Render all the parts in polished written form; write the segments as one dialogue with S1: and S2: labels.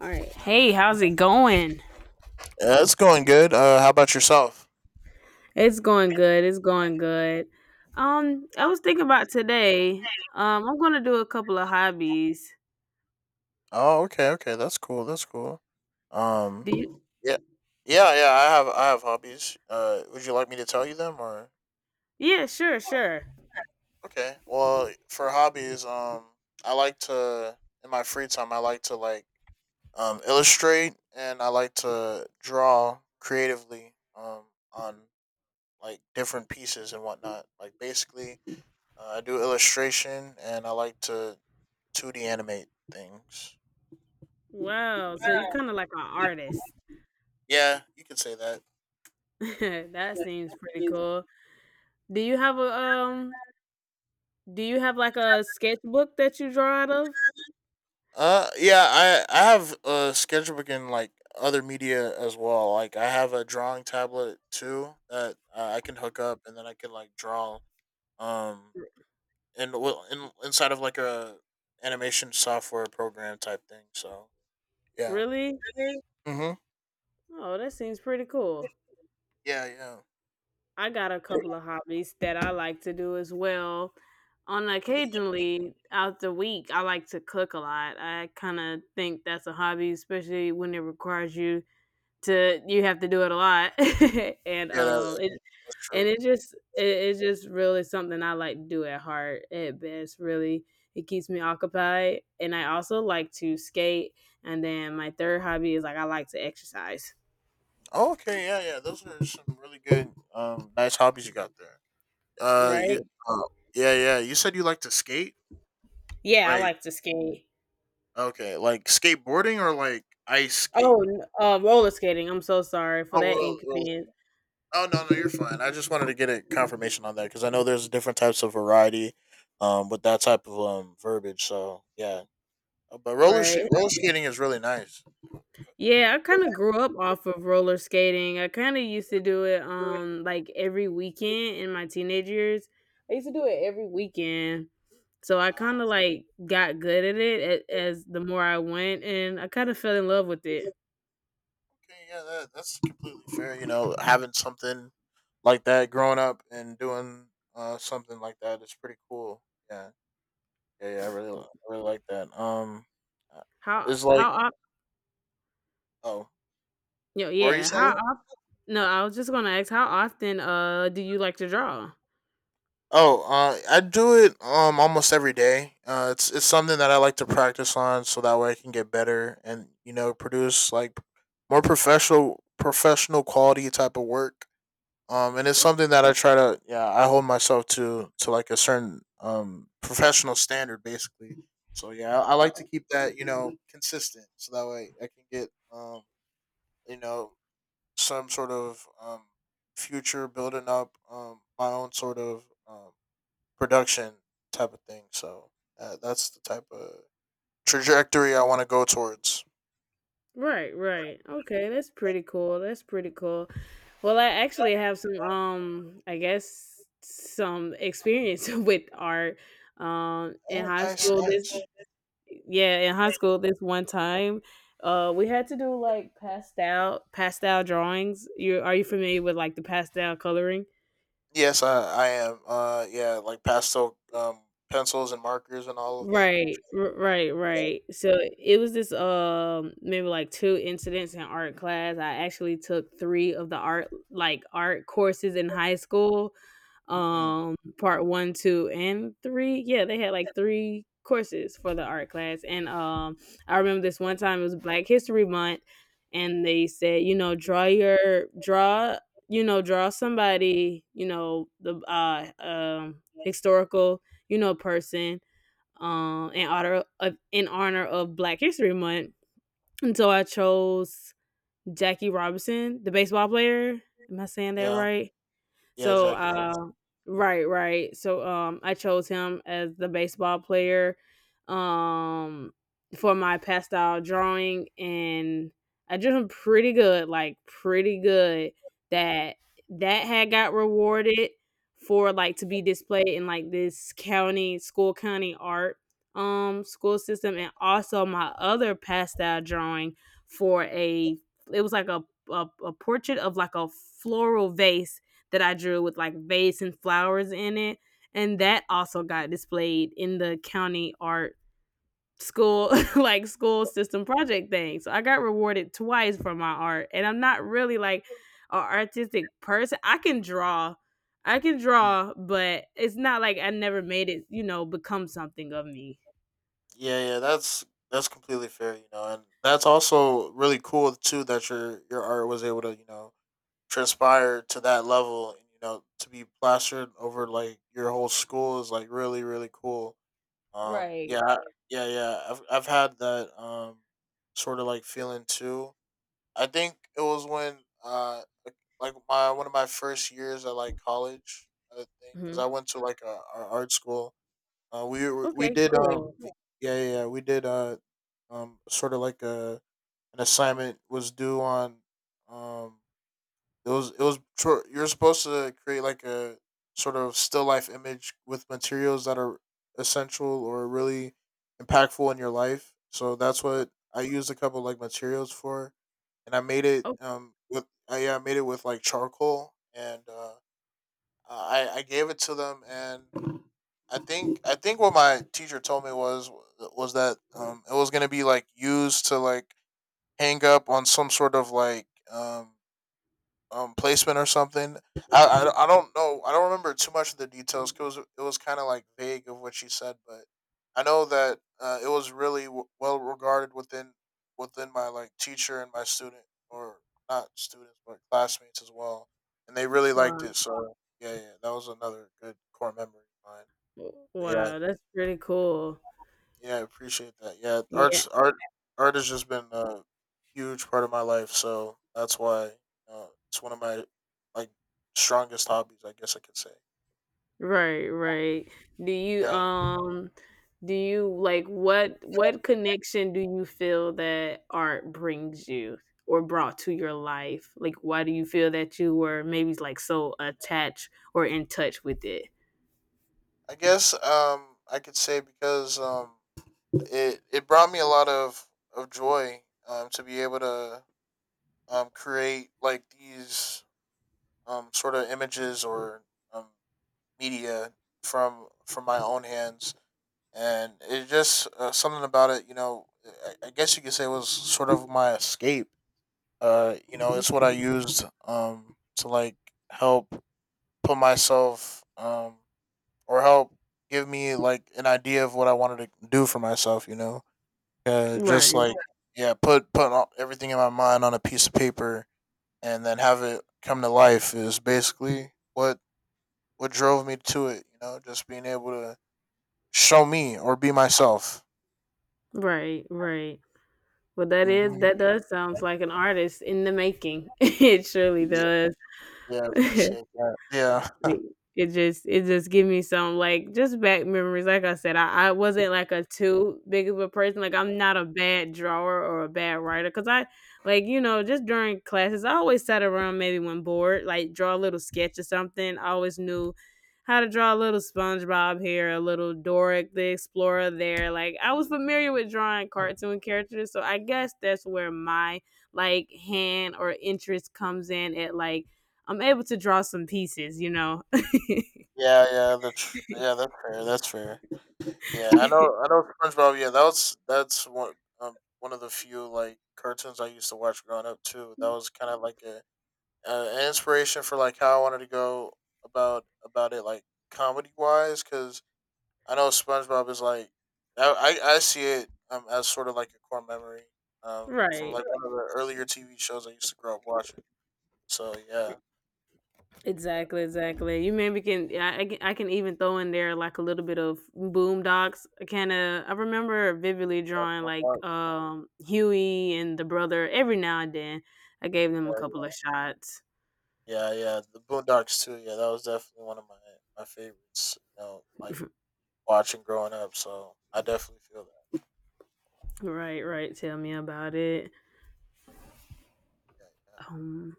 S1: All right. Hey, how's it going?
S2: Yeah, it's going good. How about yourself?
S1: It's going good. It's going good. I was thinking about today. I'm gonna do a couple of hobbies.
S2: Oh, okay, okay, that's cool. That's cool. Um,
S1: Do you?
S2: yeah, yeah, yeah. I have hobbies. Would you like me to tell you them or?
S1: Yeah, sure, sure.
S2: Okay. Well, for hobbies, I like to in my free time I like to like illustrate and I like to draw creatively on like different pieces and whatnot. Like basically, I do illustration and I like to two D animate things.
S1: Wow. So you're kind of like an artist.
S2: Yeah, you could say that.
S1: That seems pretty cool. Do you have a? Do you have like a sketchbook that you draw out of?
S2: Yeah, I have a sketchbook and like other media as well. Like I have a drawing tablet too that I can hook up, and then I can like draw. Um, and in, well, inside of like a animation software program type thing. So yeah.
S1: Really?
S2: Mhm.
S1: Oh, that seems pretty cool.
S2: Yeah, yeah.
S1: I got a couple of hobbies that I like to do as well. On occasionally out the week, I like to cook a lot. I kind of think that's a hobby, especially when it requires you to you have to do it a lot, and
S2: Yeah,
S1: it
S2: that's
S1: and
S2: true.
S1: it just it's just really something I like to do at heart at best. Really, it keeps me occupied, and I also like to skate. And then my third hobby is like I like to exercise.
S2: Oh, okay, yeah, yeah. Those are some really good, nice hobbies you got there. Uh,
S1: Right?
S2: you, uh, yeah, yeah. You said you like to skate.
S1: Yeah, I
S2: Like,
S1: like to skate.
S2: okay, like skateboarding or like ice skate?
S1: Oh, n roller skating, I'm so sorry for
S2: Oh,
S1: that
S2: well, well,
S1: inconvenience,
S2: oh no, no, you're fine. I just wanted to get a confirmation on that because I know there's different types of variety, with that type of verbiage. So yeah, but
S1: right?
S2: roller skating is really nice.
S1: Yeah, I
S2: Yeah,
S1: kinda grew up off of roller skating, I kinda used to do it,
S2: good.
S1: like, every weekend in my teenage years. I used to do it every weekend, so I
S2: Uh,
S1: kinda, like, got good at it a as the more I went, and I kinda fell in love with it.
S2: okay, yeah, that's completely fair. You know, having something like that growing up and doing something like that is pretty cool. Yeah, yeah, yeah. I really like that. Uh, it's like
S1: How of
S2: oh.
S1: Yo
S2: What were you
S1: yeah, how
S2: saying?
S1: of No, I was just gonna ask, how often, do you like to draw?
S2: Oh, I do it almost every day. It's something that I like to practice on, so that way I can get better and you know produce like more professional quality type of work. And it's
S1: Oh,
S2: something that I try to yeah I hold myself to like a certain professional standard basically. So yeah, I like to
S1: oh,
S2: keep that you know consistent, so that way I can get you know some sort of future building up my own sort of production type of thing. So that's the type of trajectory I want to go towards.
S1: right, right, okay, that's pretty cool, that's pretty cool. Well, I actually have some I guess some experience with art. In
S2: Oh,
S1: high
S2: nice,
S1: school this
S2: nice.
S1: Yeah, in high school this one time, we had to do like pastel drawings. You familiar with like the pastel coloring?
S2: Yes, I am. Yeah, like pastel pencils and markers and all of that.
S1: Right, right,
S2: Nature. Yeah.
S1: right. So it was this maybe like two incidents in art class. I actually took three of the art like art courses in high school.
S2: Mm,
S1: Um, part 1, 2 and 3. Yeah, they had like three courses for the art class, and I remember this one time it was Black History Month, and they said, you know, you know, draw somebody, you know, the historical, you know, person in honor of Black History Month. And so I chose Jackie Robinson, the baseball player. Am I saying that
S2: yeah,
S1: right?
S2: yeah,
S1: So,
S2: Jackie Robinson.
S1: right, right. So, I chose him as the baseball player, um, for my pastel drawing, and I drew him pretty good, like pretty good. That that had got rewarded for like to be displayed in like this county school county art school system, and also my other pastel drawing for a it was like a portrait of like a floral vase that I drew with like vase and flowers in it. And that also got displayed in the county art school, like school system project thing. So I got rewarded twice for my art. And I'm not really like an artistic person. I can draw, but it's not like I never made it, you know, become something of me.
S2: Yeah, yeah, that's completely fair, you know, and that's also really cool too that your art was able to you know transpire to that level, and you know to be plastered over like your whole school is like really cool. Um,
S1: Right.
S2: yeah, I- yeah, yeah. I've had that sort of like feeling too. I think it was when like my one of my first years at like college, I think, because
S1: Hmm.
S2: I went to like a art school. We
S1: Okay,
S2: did
S1: cool.
S2: yeah yeah yeah, we did uh um sort of like a an assignment was due on um it was you're supposed to create like a sort of still life image with materials that are essential or really impactful in your life. So that's what I used a couple like materials for, and I made it
S1: Oh.
S2: yeah I made it with like charcoal, and I gave it to them, and I think what my teacher told me was that it was gonna be like used to like hang up on some sort of like placement or something. I don't know. I don't remember too much of the details, 'cause it was kind of like vague of what she said, but I know that it was really well regarded within my like teacher and my student or not students but classmates as well, and they really
S1: wow.
S2: liked it. So yeah, yeah, that was another good core memory of mine. But yeah.
S1: Wow, that's pretty cool.
S2: Yeah, I appreciate that. Yeah,
S1: Yeah.
S2: art has just been a huge part of my life, so that's why it's one of my like strongest hobbies, I guess I could say.
S1: Right, right. Do you
S2: Yeah,
S1: um do you like what connection do you feel that art brings you or brought to your life? Like why do you feel that you were maybe like so attached or in touch with it?
S2: I guess I could say because it it brought me a lot of joy to be able to create like these sort of images or um media from my own hands, and it's just something about it. You know, I guess you could say it was sort of my escape. You know, it's what I used to like help put myself or help give me like an idea of what I wanted to do for myself. You know, just
S1: Right,
S2: like yeah, put all, everything in my mind on a piece of paper and then have it come to life is basically what drove me to it. You know, just being able to show me or be myself.
S1: right, right. Well, that is that
S2: Hmm.
S1: does sounds like an artist in the making. It surely does.
S2: Yeah, I appreciate that. Yeah,
S1: Like, it just give me some, like, just back memories. Like I said, I wasn't, like, a too big of a person, like, I'm not a bad drawer or a bad writer. Cause I like, you know, just during classes, I always sat around maybe when bored, like, draw a little sketch or something. I always knew how to draw a little SpongeBob here, a little Doric the Explorer there. Like, I was familiar with drawing cartoon characters, so I guess that's where my, like, hand or interest comes in at, like, I'm able to draw some pieces, you know?
S2: yeah, yeah. That's yeah, that's fair. That's fair. Yeah, I know. I know SpongeBob. Yeah, that was that's one one of the few like cartoons I used to watch growing up too. That was kind of like a an inspiration for like how I wanted to go about it like comedy wise because I know SpongeBob is like I see it as sort of like a core memory from
S1: Right.
S2: like one of the earlier TV shows I used to grow up watching. So yeah,
S1: Exactly. Exactly. You maybe can. I can even throw in there like a little bit of boom docs. Kind of. I remember vividly drawing like
S2: yeah,
S1: Huey and the brother every now and then. I gave them a couple
S2: yeah.
S1: of shots.
S2: Yeah, yeah, The Boondocks too. Yeah, that was definitely one of my favorites. You know, like watching growing up. So I definitely feel that.
S1: Right. Right. Tell me about it.
S2: Yeah, yeah.
S1: Um.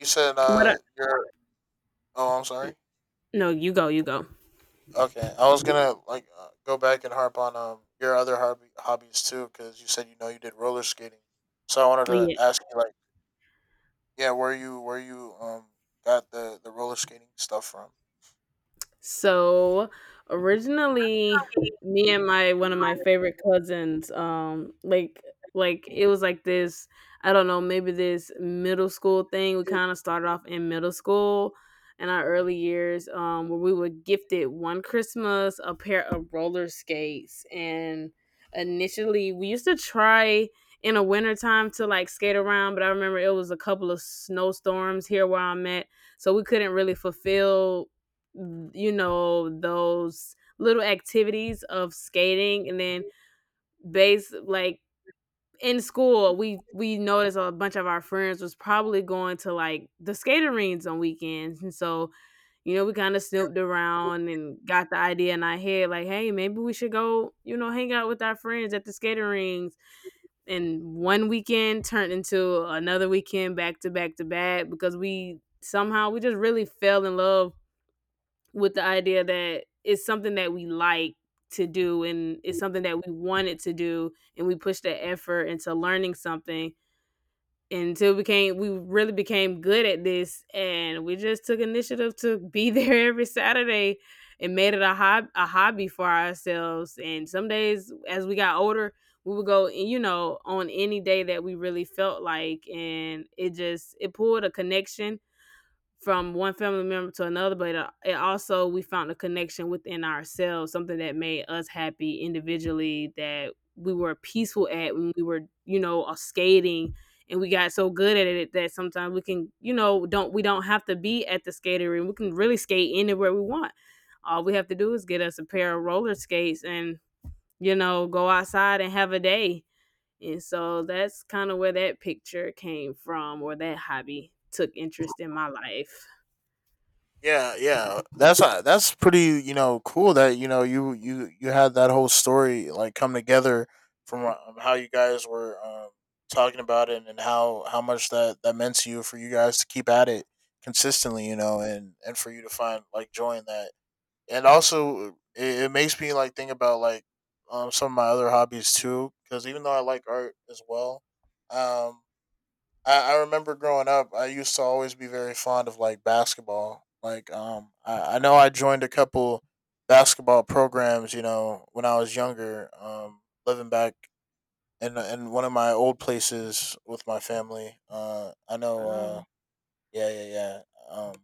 S2: You said
S1: What? I,
S2: your oh, I'm sorry.
S1: no. You go. You go.
S2: Okay, I was gonna like go back and harp on your other hobby hobbies too, because you said you know you did roller skating. So I wanted to
S1: Yeah.
S2: ask you like, yeah, where you where you got the roller skating stuff from?
S1: So originally, me and my one of my favorite cousins, like it was like this, I don't know, maybe this middle school thing. We kind of started off in middle school in our early years, where we were gifted one Christmas a pair of roller skates. And initially we used to try in the wintertime to like skate around, but I remember it was a couple of snowstorms here where I'm at, so we couldn't really fulfill, you know, those little activities of skating. And then base like in school we noticed a bunch of our friends was probably going to like the skater rinks on weekends. And so, you know, we kind of snooped around and got the idea in our head like, hey, maybe we should go, you know, hang out with our friends at the skater rings. And one weekend turned into another weekend back to back to back, because we somehow we just really fell in love with the idea that it's something that we like to do, and it's something that we wanted to do, and we pushed the effort into learning something until we really became good at this. And we just took initiative to be there every Saturday and made it a hobby for ourselves. And some days as we got older we would go, you know, on any day that we really felt like. And it just it pulled a connection from one family member to another, but it, also we found a connection within ourselves, something that made us happy individually, that we were peaceful at when we were, you know, skating. And we got so good at it that sometimes we can, you know, don't we don't have to be at the skating rink. We can really skate anywhere we want. All we have to do is get us a pair of roller skates and, you know, go outside and have a day. And so that's kind of where that picture came from, or that hobby took interest in my life.
S2: Yeah, yeah. That's pretty, you know, cool that you know you had that whole story like come together from how you guys were talking about it and how much that that meant to you for you guys to keep at it consistently, you know, and for you to find like joy in that. And also, it makes me like think about like some of my other hobbies too, because even though I like art as well, um, I remember growing up, I used to always be very fond of like basketball. Like, I know I joined a couple basketball programs. You know, when I was younger, living back in one of my old places with my family. I know.
S1: Oh,
S2: Yeah, yeah, yeah. Um,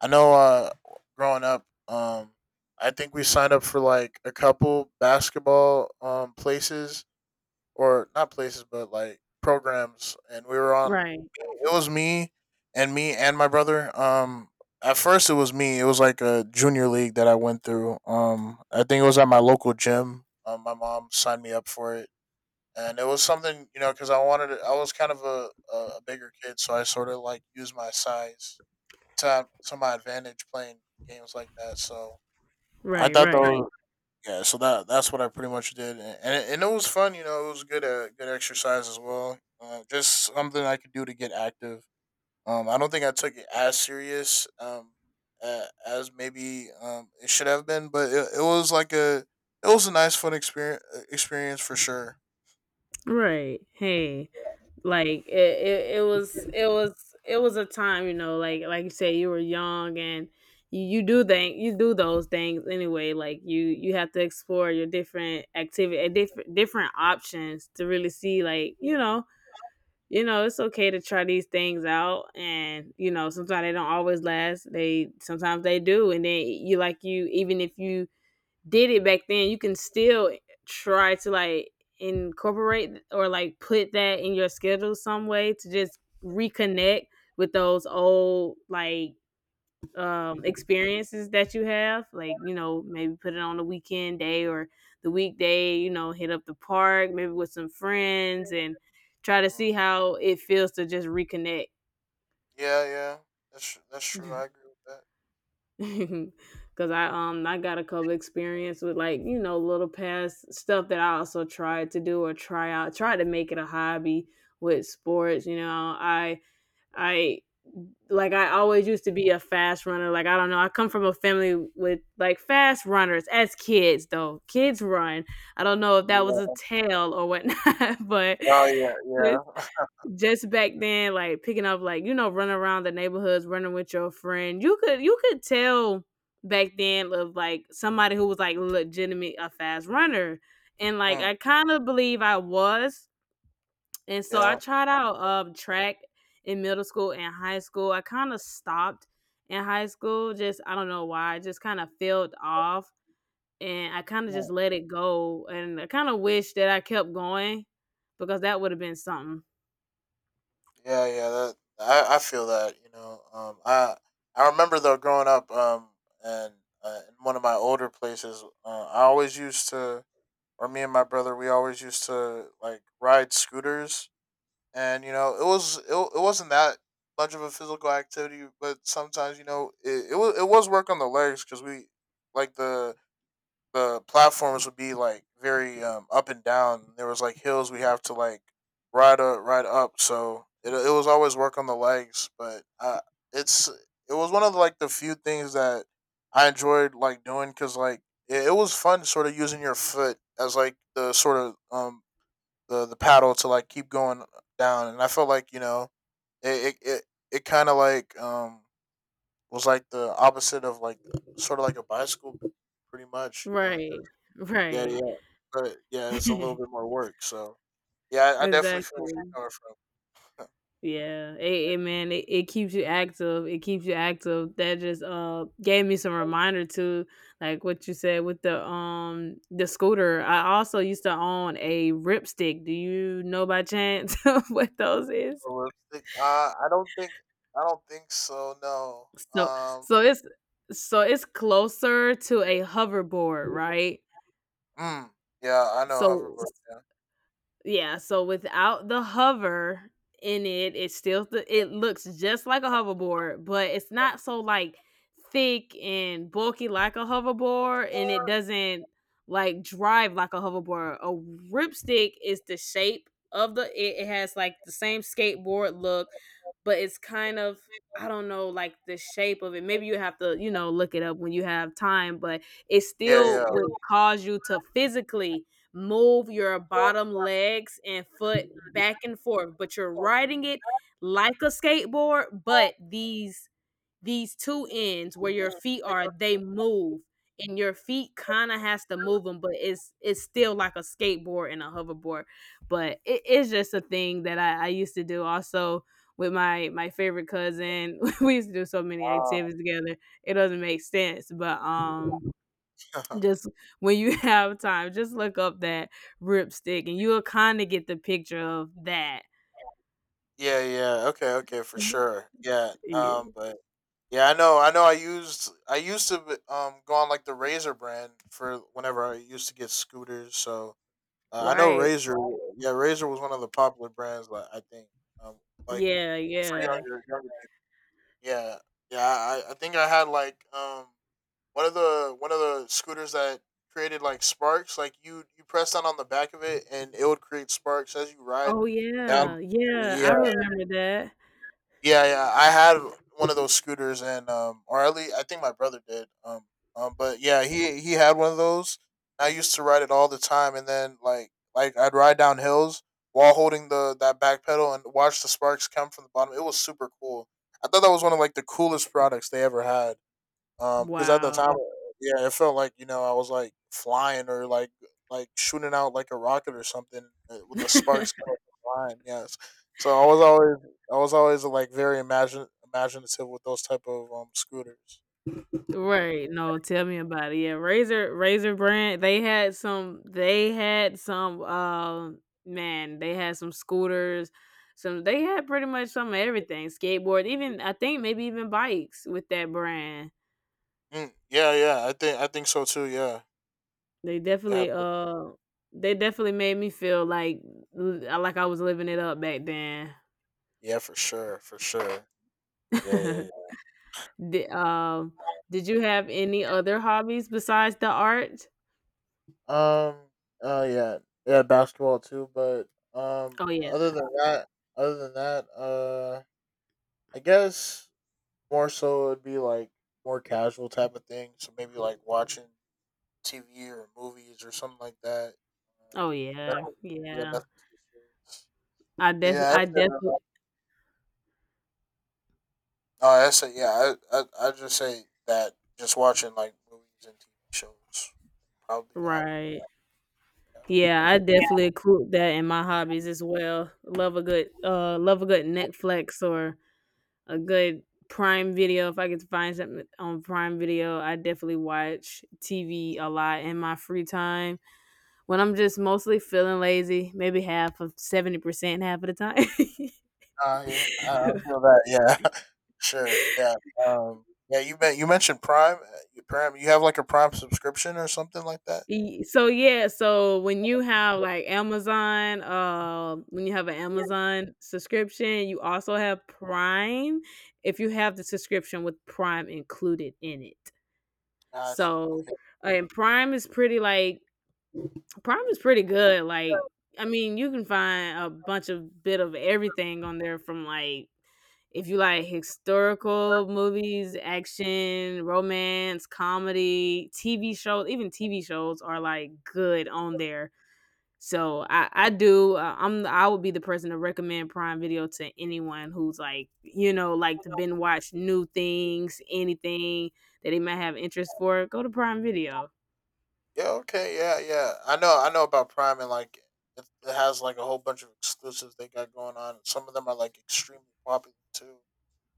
S2: I know. Growing up, I think we signed up for like a couple basketball places or not places, but like programs. And we were on.
S1: right,
S2: It was me and my brother. At first it was me. It was like a junior league that I went through. I think it was at my local gym. My mom signed me up for it, and it was something you know because I wanted to. I was kind of a bigger kid, so I sort of like used my size to to my advantage playing games like that. So I
S1: right,
S2: thought that
S1: right,
S2: was yeah, so that that's what I pretty much did, and and it was fun. You know, it was good good exercise as well. Just something I could do to get active. I don't think I took it as serious as maybe it should have been, but it was like a it was a nice fun experience for sure.
S1: right. Hey, like it was a time, you know, like you said, you were young. And you do thing, you do those things anyway. Like you have to explore your different activity, different, different options, to really see, like, you know, it's okay to try these things out. And you know, sometimes they don't always last. They sometimes they do. And then you like you, even if you did it back then, you can still try to like incorporate, or like put that in your schedule some way to just reconnect with those old like experiences that you have. Like, you know, maybe put it on the weekend day or the weekday, you know, hit up the park maybe with some friends, and try to see
S2: Mm.
S1: how it feels to just reconnect.
S2: Yeah, yeah, that's true. I agree with that.
S1: Cause I got a couple experience with like, you know, little past stuff that I also tried to do, or try out, try to make it a hobby with sports. You know, I I like I always used to be a fast runner. Like I don't know, I come from a family with like fast runners as kids, though kids run. I don't know if that was a
S2: Yeah.
S1: tale or whatnot, but
S2: Oh yeah, yeah.
S1: just back then, like picking up, like, you know, running around the neighborhoods, running with your friend. You could tell back then of like somebody who was like legitimate a fast runner, and like
S2: Mm,
S1: I kind of believe I was, and so I
S2: yeah.
S1: tried out track in middle school and high school. I kind of stopped in high school, just I don't know why, I just kind of filled off, and I kind of just let it go, and I kind of wish that I kept going, because that would have been something.
S2: Yeah, yeah, that I feel that you know. I remember though growing up, and in one of my older places, I always used to, or me and my brother, we always used to like ride scooters, and you know, it was it wasn't that much of a physical activity, but sometimes you know, it was work on the legs because we like the platforms would be like very up and down. There was like hills we have to like ride up. So it was always work on the legs. But it's it was one of the like the few things that I enjoyed like doing because like it was fun sort of using your foot as like the sort of the paddle to like keep going down. And I felt like it it it, it kind of like was like the opposite of like sort of like a bicycle pretty much.
S1: Right,
S2: Yeah,
S1: right.
S2: yeah, but yeah, it's a little bit more work. So yeah, I definitely feel where you're
S1: Exactly.
S2: coming from.
S1: Yeah. It man, it keeps you active. It keeps you active. That just gave me some reminder to like what you said with the scooter. I also used to own a ripstick. Do you know by chance what those is?
S2: A lipstick? I don't think, I don't think so. No.
S1: So
S2: Um.
S1: so it's so it's closer to a hoverboard, right?
S2: Mm, yeah, I know
S1: So
S2: hoverboard. Yeah.
S1: Yeah, so without the hover in it, it still it looks just like a hoverboard, but it's not so like thick and bulky like a hoverboard, and it doesn't like drive like a hoverboard. A ripstick is the shape of the it has like the same skateboard look, but it's kind of, I don't know, like the shape of it. Maybe you have to, you know, look it up when you have time. But it
S2: Yeah,
S1: still
S2: yeah.
S1: would cause you to physically move your bottom legs and foot back and forth, but you're riding it like a skateboard. But these two ends where your feet are, they move and your feet kind of has to move them, but it's still like a skateboard and a hoverboard. But it is just a thing that I used to do also with my favorite cousin. We used to do so many
S2: Um,
S1: activities together. It doesn't make sense, but just when you have time, just look up that Ripstick and you'll kinda get the picture of that.
S2: yeah, yeah. Okay, okay, for
S1: Mhm.
S2: sure. Yeah.
S1: Yeah.
S2: But yeah, I know. I know. I used to go on like the Razor brand for whenever I used to get scooters. So uh, I know
S1: Right.
S2: Razor. Yeah, Razor was one of the popular brands. Like, I think, um, like
S1: Yeah,
S2: for
S1: yeah.
S2: younger. Yeah, yeah. I think I had like one of the scooters that created like sparks. Like you press down on the back of it and it would create sparks as you ride
S1: Oh,
S2: down.
S1: yeah. Yeah, I
S2: Yeah,
S1: remember that.
S2: yeah, yeah. I had one of those scooters, and or at least I think my brother did. But yeah, he had one of those. I used to ride it all the time, and then like I'd ride down hills while holding the that back pedal and watch the sparks come from the bottom. It was super cool. I thought that was one of like the coolest products they ever had. Because at the time,
S1: Wow.
S2: yeah, it felt like you know I was like flying or like shooting out like a rocket or something with the sparks kind of flying. Yes, so I was always like very imagine imaginative with those type of scooters.
S1: Right, no, tell me about it. Yeah, Razor brand, they had some, um, man, they had some scooters, some, they had pretty much some of everything, skateboard, even I think maybe even bikes with that brand.
S2: Mm, yeah, yeah, I think so too. Yeah,
S1: They
S2: they had,
S1: definitely
S2: like-
S1: made me feel like I was living it up back then.
S2: yeah, for sure, for sure. Yeah, yeah, yeah.
S1: Di did you have any other hobbies besides the art?
S2: Um. Yeah. Yeah. Basketball too, but um.
S1: Oh yeah.
S2: Other than that, other than that, I guess more so it'd be like more casual type of thing. So maybe like watching TV or movies or something like that.
S1: Oh
S2: Uh,
S1: yeah.
S2: nothing- yeah,
S1: Yeah.
S2: nothing too serious. Yeah, I
S1: I
S2: said, uh,
S1: definitely
S2: yeah, I just say that just watching like movies and TV shows probably a hobby
S1: right.
S2: of mine.
S1: Yeah, I definitely include that in my hobbies as well. Love a good Netflix or a good Prime Video. If I get to find something on Prime Video, I definitely watch TV a lot in my free time when I'm just mostly feeling lazy, maybe half of 70%, half of the time.
S2: Yeah, I feel that. Yeah, sure. Yeah, yeah. You bet. You mentioned Prime. Prime. You have like a Prime subscription or something like that.
S1: So yeah, so when you have like Amazon, when you have an Amazon subscription, you also have Prime if you have the subscription with Prime included in it.
S2: Gotcha.
S1: So,
S2: Okay.
S1: and Prime is pretty like Prime is pretty good. Like, I mean, you can find a bunch of bit of everything on there. From like if you like historical movies, action, romance, comedy, TV shows, even TV shows are like good on there. So I do, I would be the person to recommend Prime Video to anyone who's like, you know, like to binge watch new things, anything that they might have interest for, go to Prime Video
S2: Yeah, okay, yeah, yeah. I know about Prime and like it has like a whole bunch of exclusives they got going on. Some of them are like extremely popular too.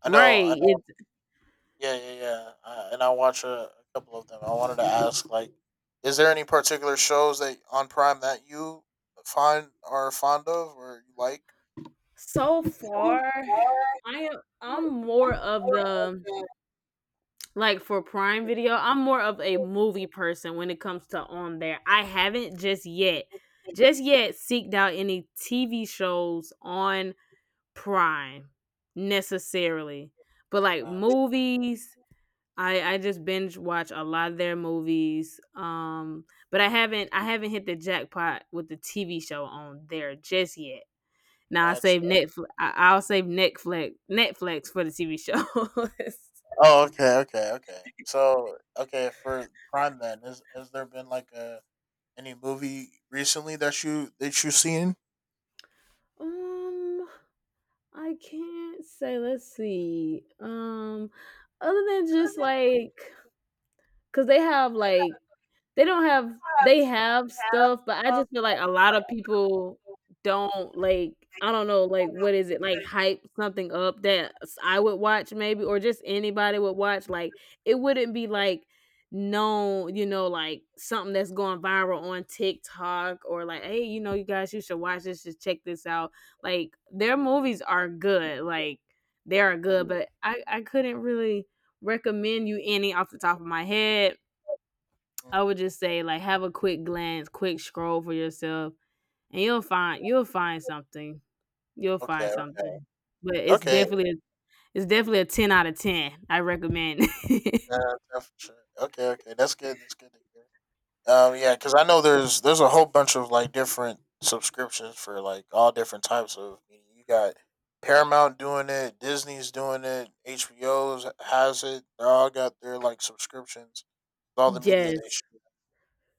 S2: I know,
S1: right
S2: I know.
S1: it's
S2: Yeah, yeah, yeah. I, and I watch a couple of them. I wanted to ask, like, is there any particular shows that on Prime that you find are fond of or you like?
S1: so far I am I'm more of the, like for Prime Video, I'm more of a movie person when it comes to on there. I haven't just yet seeked out any TV shows on Prime necessarily. But like
S2: Uh,
S1: movies, I just binge watch a lot of their movies. But I haven't hit the jackpot with the TV show on there just yet. Now I
S2: gotcha.
S1: save Netflix. Will save Netflix for the TV shows.
S2: Oh, okay, okay, okay. So, okay, for Prime then, is has there been like a any movie recently that you seen?
S1: um, I can't say. Let's see. Other than just like, 'cause they have like, they don't have they have stuff, but I just feel like a lot of people don't, like I don't know, like, what is it, like, hype something up that s I would watch, maybe, or just anybody would watch, like, it wouldn't be, like, known, you know, like, something that's going viral on TikTok, or like, "Hey, you know, you guys, you should watch this, just check this out." Like, their movies are good, like, they are good,
S2: Mm,
S1: but I couldn't really recommend you any off the top of my head. I
S2: mm.
S1: would just say like have a quick glance, quick scroll for yourself, and you'll find something. You'll find
S2: Okay.
S1: something. But it's
S2: Okay.
S1: definitely a 10 out of 10. I recommend.
S2: Yeah, yeah, for sure. Okay. Okay. That's good. That's good to hear. Yeah. Because I know there's a whole bunch of like different subscriptions for like all different types of. You got Paramount doing it. Disney's doing it. HBO's has it. They all got their like subscriptions with all the media they
S1: Yes,
S2: shoot.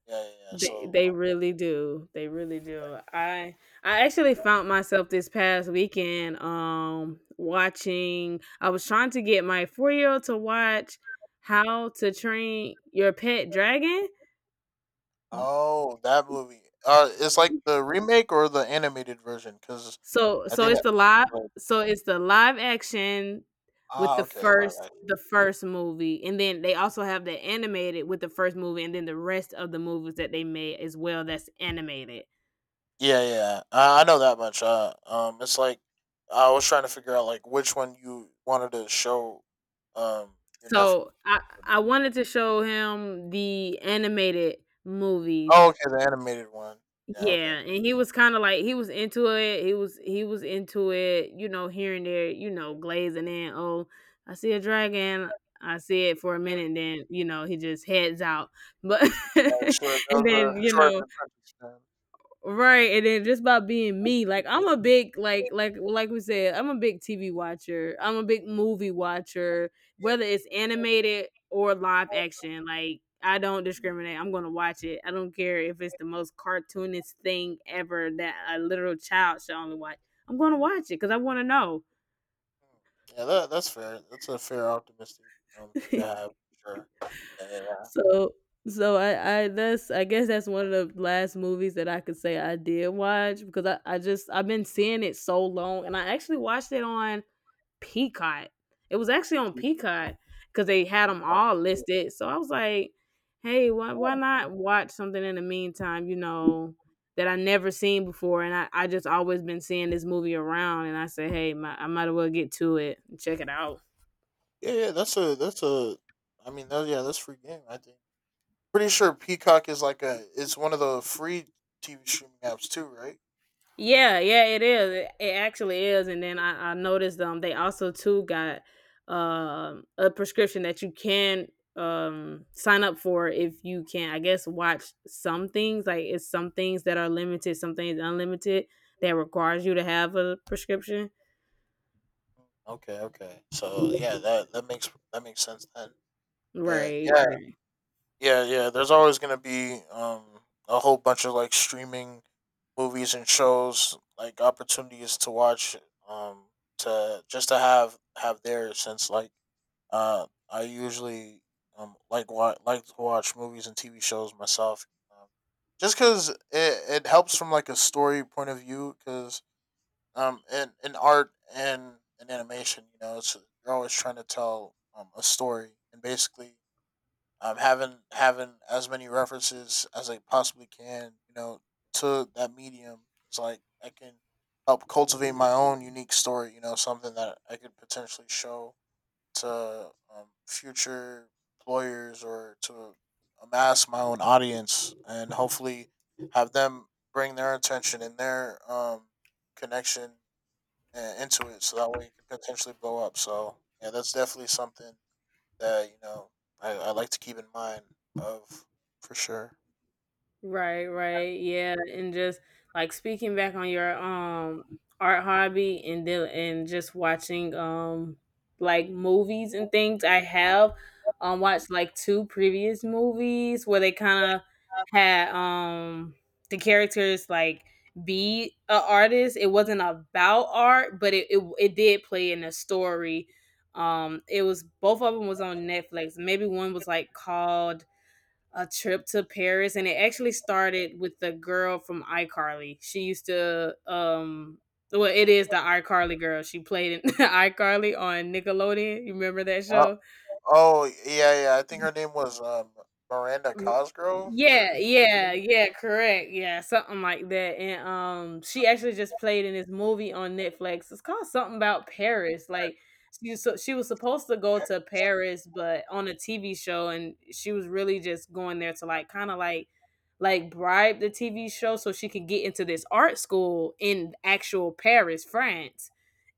S2: Yeah. Yeah. yeah. So.
S1: they really do. They really do. I actually found myself this past weekend watching. I was trying to get my 4 year old to watch How to Train Your Pet Dragon.
S2: Oh, that movie. It's like the remake or the animated version. Because
S1: So
S2: I think that. So,
S1: so it's the live action with
S2: Ah.
S1: the
S2: Okay.
S1: first movie, and then they also have the animated with the first movie, and then the rest of the movies that they made as well that's animated.
S2: Yeah, yeah. I know that much. It's like I was trying to figure out like which one you wanted to show, um, your nephew.
S1: So I wanted to show him the animated
S2: Oh,
S1: movies.
S2: okay, the animated one. Yeah,
S1: Yeah,
S2: okay.
S1: and he was kinda like, he was into it, he was into it, you know, here and there, you know, glazing in, "Oh, I see a dragon, I see it for a minute," and then, you know, he just heads out, but
S2: Yeah, sure.
S1: and
S2: That
S1: then,
S2: was a
S1: you
S2: short
S1: know,
S2: attention span.
S1: right, and then just by being me, like I'm a big like we said, I'm a big TV watcher. I'm a big movie watcher, whether it's animated or live action. Like I don't
S2: Yeah,
S1: discriminate. I'm going to watch it. I don't care if it's the most cartoonist thing ever that a literal child should only watch. I'm going to watch it, cuz I want to know.
S2: hmm. Yeah, that that's fair. That's a fair optimistic view to have. Sure. Yeah, yeah,
S1: so so I that's, I guess that's one of the last movies that I could say I did watch, because I just I've been seeing it so long, and I actually watched it on Peacock. It was actually on Peacock because they had them
S2: yeah.
S1: all listed. So I was like, hey, why not watch something in the meantime, you know, that I never seen before? And I just always been seeing this movie around. And I said, hey, my, I might as well get to it and check it out.
S2: Yeah, yeah. That's a. I mean, that, yeah, that's free game, I think. Pretty sure Peacock is like a it's one of the free TV streaming apps too, right?
S1: Yeah, yeah, it is. It actually is. And then I noticed they also too got a prescription that you can sign up for if you can, I guess, watch some things. Like it's some things that are limited, some things unlimited that requires you to have a prescription.
S2: Okay, okay. So yeah, that that makes sense then. But
S1: Right.
S2: yeah,
S1: Right.
S2: yeah, yeah. There's always gonna be a whole bunch of like streaming movies and shows like opportunities to watch um to just to have there since like I usually like to watch movies and TV shows myself um, just because it helps from like a story point of view because in art and in animation you know it's you're always trying to tell a story and basically having as many references as I possibly can, you know, to that medium is like I can help cultivate my own unique story. You know, something that I could potentially show to future employers or to amass my own audience, and hopefully have them bring their attention and their connection into it, so that way it could potentially blow up. So yeah, that's definitely something that you know I like to keep in mind of for sure.
S1: Right, right. Yeah, and just like speaking back on your art hobby, and then and just watching like movies and things, I have watched like two previous movies where they kind of had the characters like be a artist. It wasn't about art, but it did play in a story. It was both of them was on Netflix. Maybe one was like called a trip to Paris, and it actually started with the girl from iCarly. She used to, well, it is the iCarly girl. She played in iCarly on Nickelodeon. You remember that
S2: Uh,
S1: show?
S2: oh yeah, yeah. I think her name was Miranda
S1: Mm,
S2: Cosgrove. Or,
S1: yeah, yeah, yeah, correct, yeah, something like that. And, she actually just played in this movie on Netflix, it's called something about Paris. Like, she was so she was supposed to go to Paris, but on a TV show, and she was really just going there to, like, kinda, like bribe the TV show so she could get into this art school in actual Paris, France.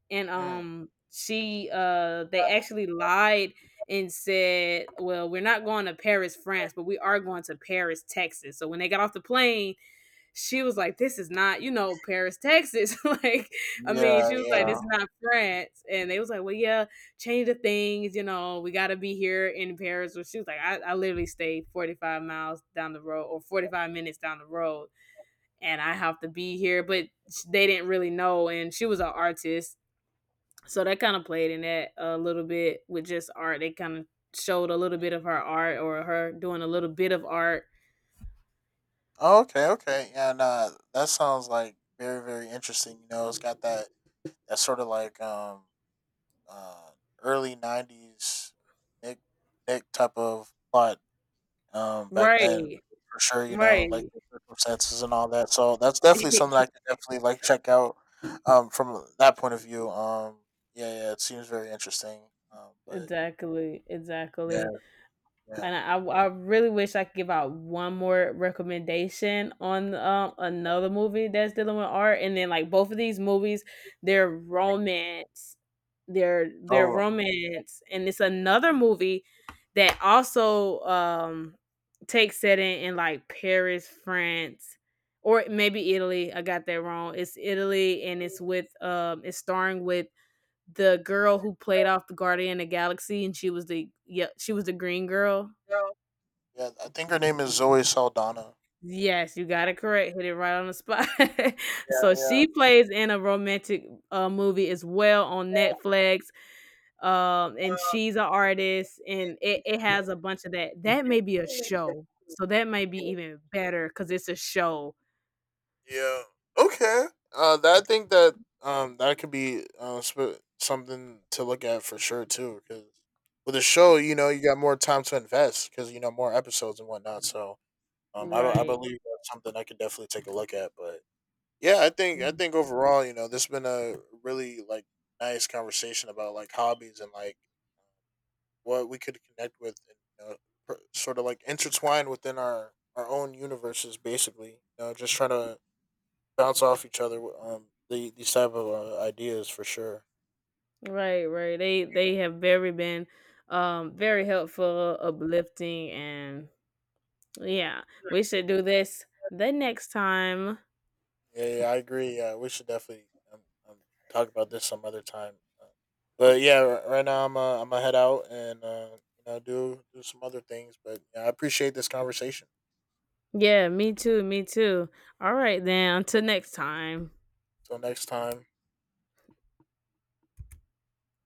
S1: And
S2: mm,
S1: she they actually lied and said, well, we're not going to Paris, France, but we are going to Paris, Texas. So when they got off the plane, she was like, this is not, you know, Paris, Texas, like, I mean,
S2: yeah,
S1: she was like, this
S2: yeah.
S1: is not France. And they was like, well, yeah, change the things, you know, we got to be here in Paris. Well, she was like, I literally stayed 45 miles down the road, or 45 minutes down the road, and I have to be here. But they didn't really know. And she was an artist, so that kind of played in that a little bit with just art. They kind of showed a little bit of her art or her doing a little bit of art.
S2: Oh, okay, okay. Yeah, nah, that sounds like very, very interesting. You know, it's got that sort of like uh early '90s Nick Nick type of plot. Back then,
S1: Right.
S2: for sure, you know, like
S1: Right.
S2: the circumstances and all that. So that's definitely something I could definitely like check out. From that point of view, yeah, yeah, it seems very interesting. But
S1: Exactly.
S2: yeah,
S1: Exactly.
S2: yeah,
S1: And I really wish I could give out one more recommendation on, another movie that's dealing with art. And then like both of these movies, they're romance, they're
S2: oh,
S1: romance, and it's another movie that also takes setting in like Paris, France, or maybe Italy. I got that wrong. It's Italy, and it's with it's starring with the girl who played off the Guardian of the Galaxy, and she was the, yeah, she was the green girl.
S2: yeah, I think her name is Zoe Saldana.
S1: Yes, you got it correct. Hit it right on the spot.
S2: Yeah,
S1: So
S2: yeah,
S1: she plays in a romantic movie as well on Netflix. And she's an artist, and it has a bunch of that. That may be a show, so that might be even better because it's a show.
S2: yeah. Okay. That I think that that could be something to look at for sure too, because with a show, you know, you got more time to invest because you know more episodes and whatnot. So I
S1: Right,
S2: believe that's something I could definitely take a look at. But yeah, I
S1: Mm.
S2: think overall, you know, this has been a really like nice conversation about like hobbies and like what we could connect with and you know, sort of like intertwine within our own universes, basically. You know, just trying to bounce off each other. These type of ideas for sure.
S1: Right. They have very been very helpful, uplifting, and yeah, we should do this the next time.
S2: Yeah, yeah, I agree. Yeah, we should definitely um, um, talk about this some other time. Uh, but yeah, right now I'm gonna head out and you know do some other things. But yeah, I appreciate this conversation.
S1: Yeah, me too, me too. All right then, until next time.
S2: Till next time.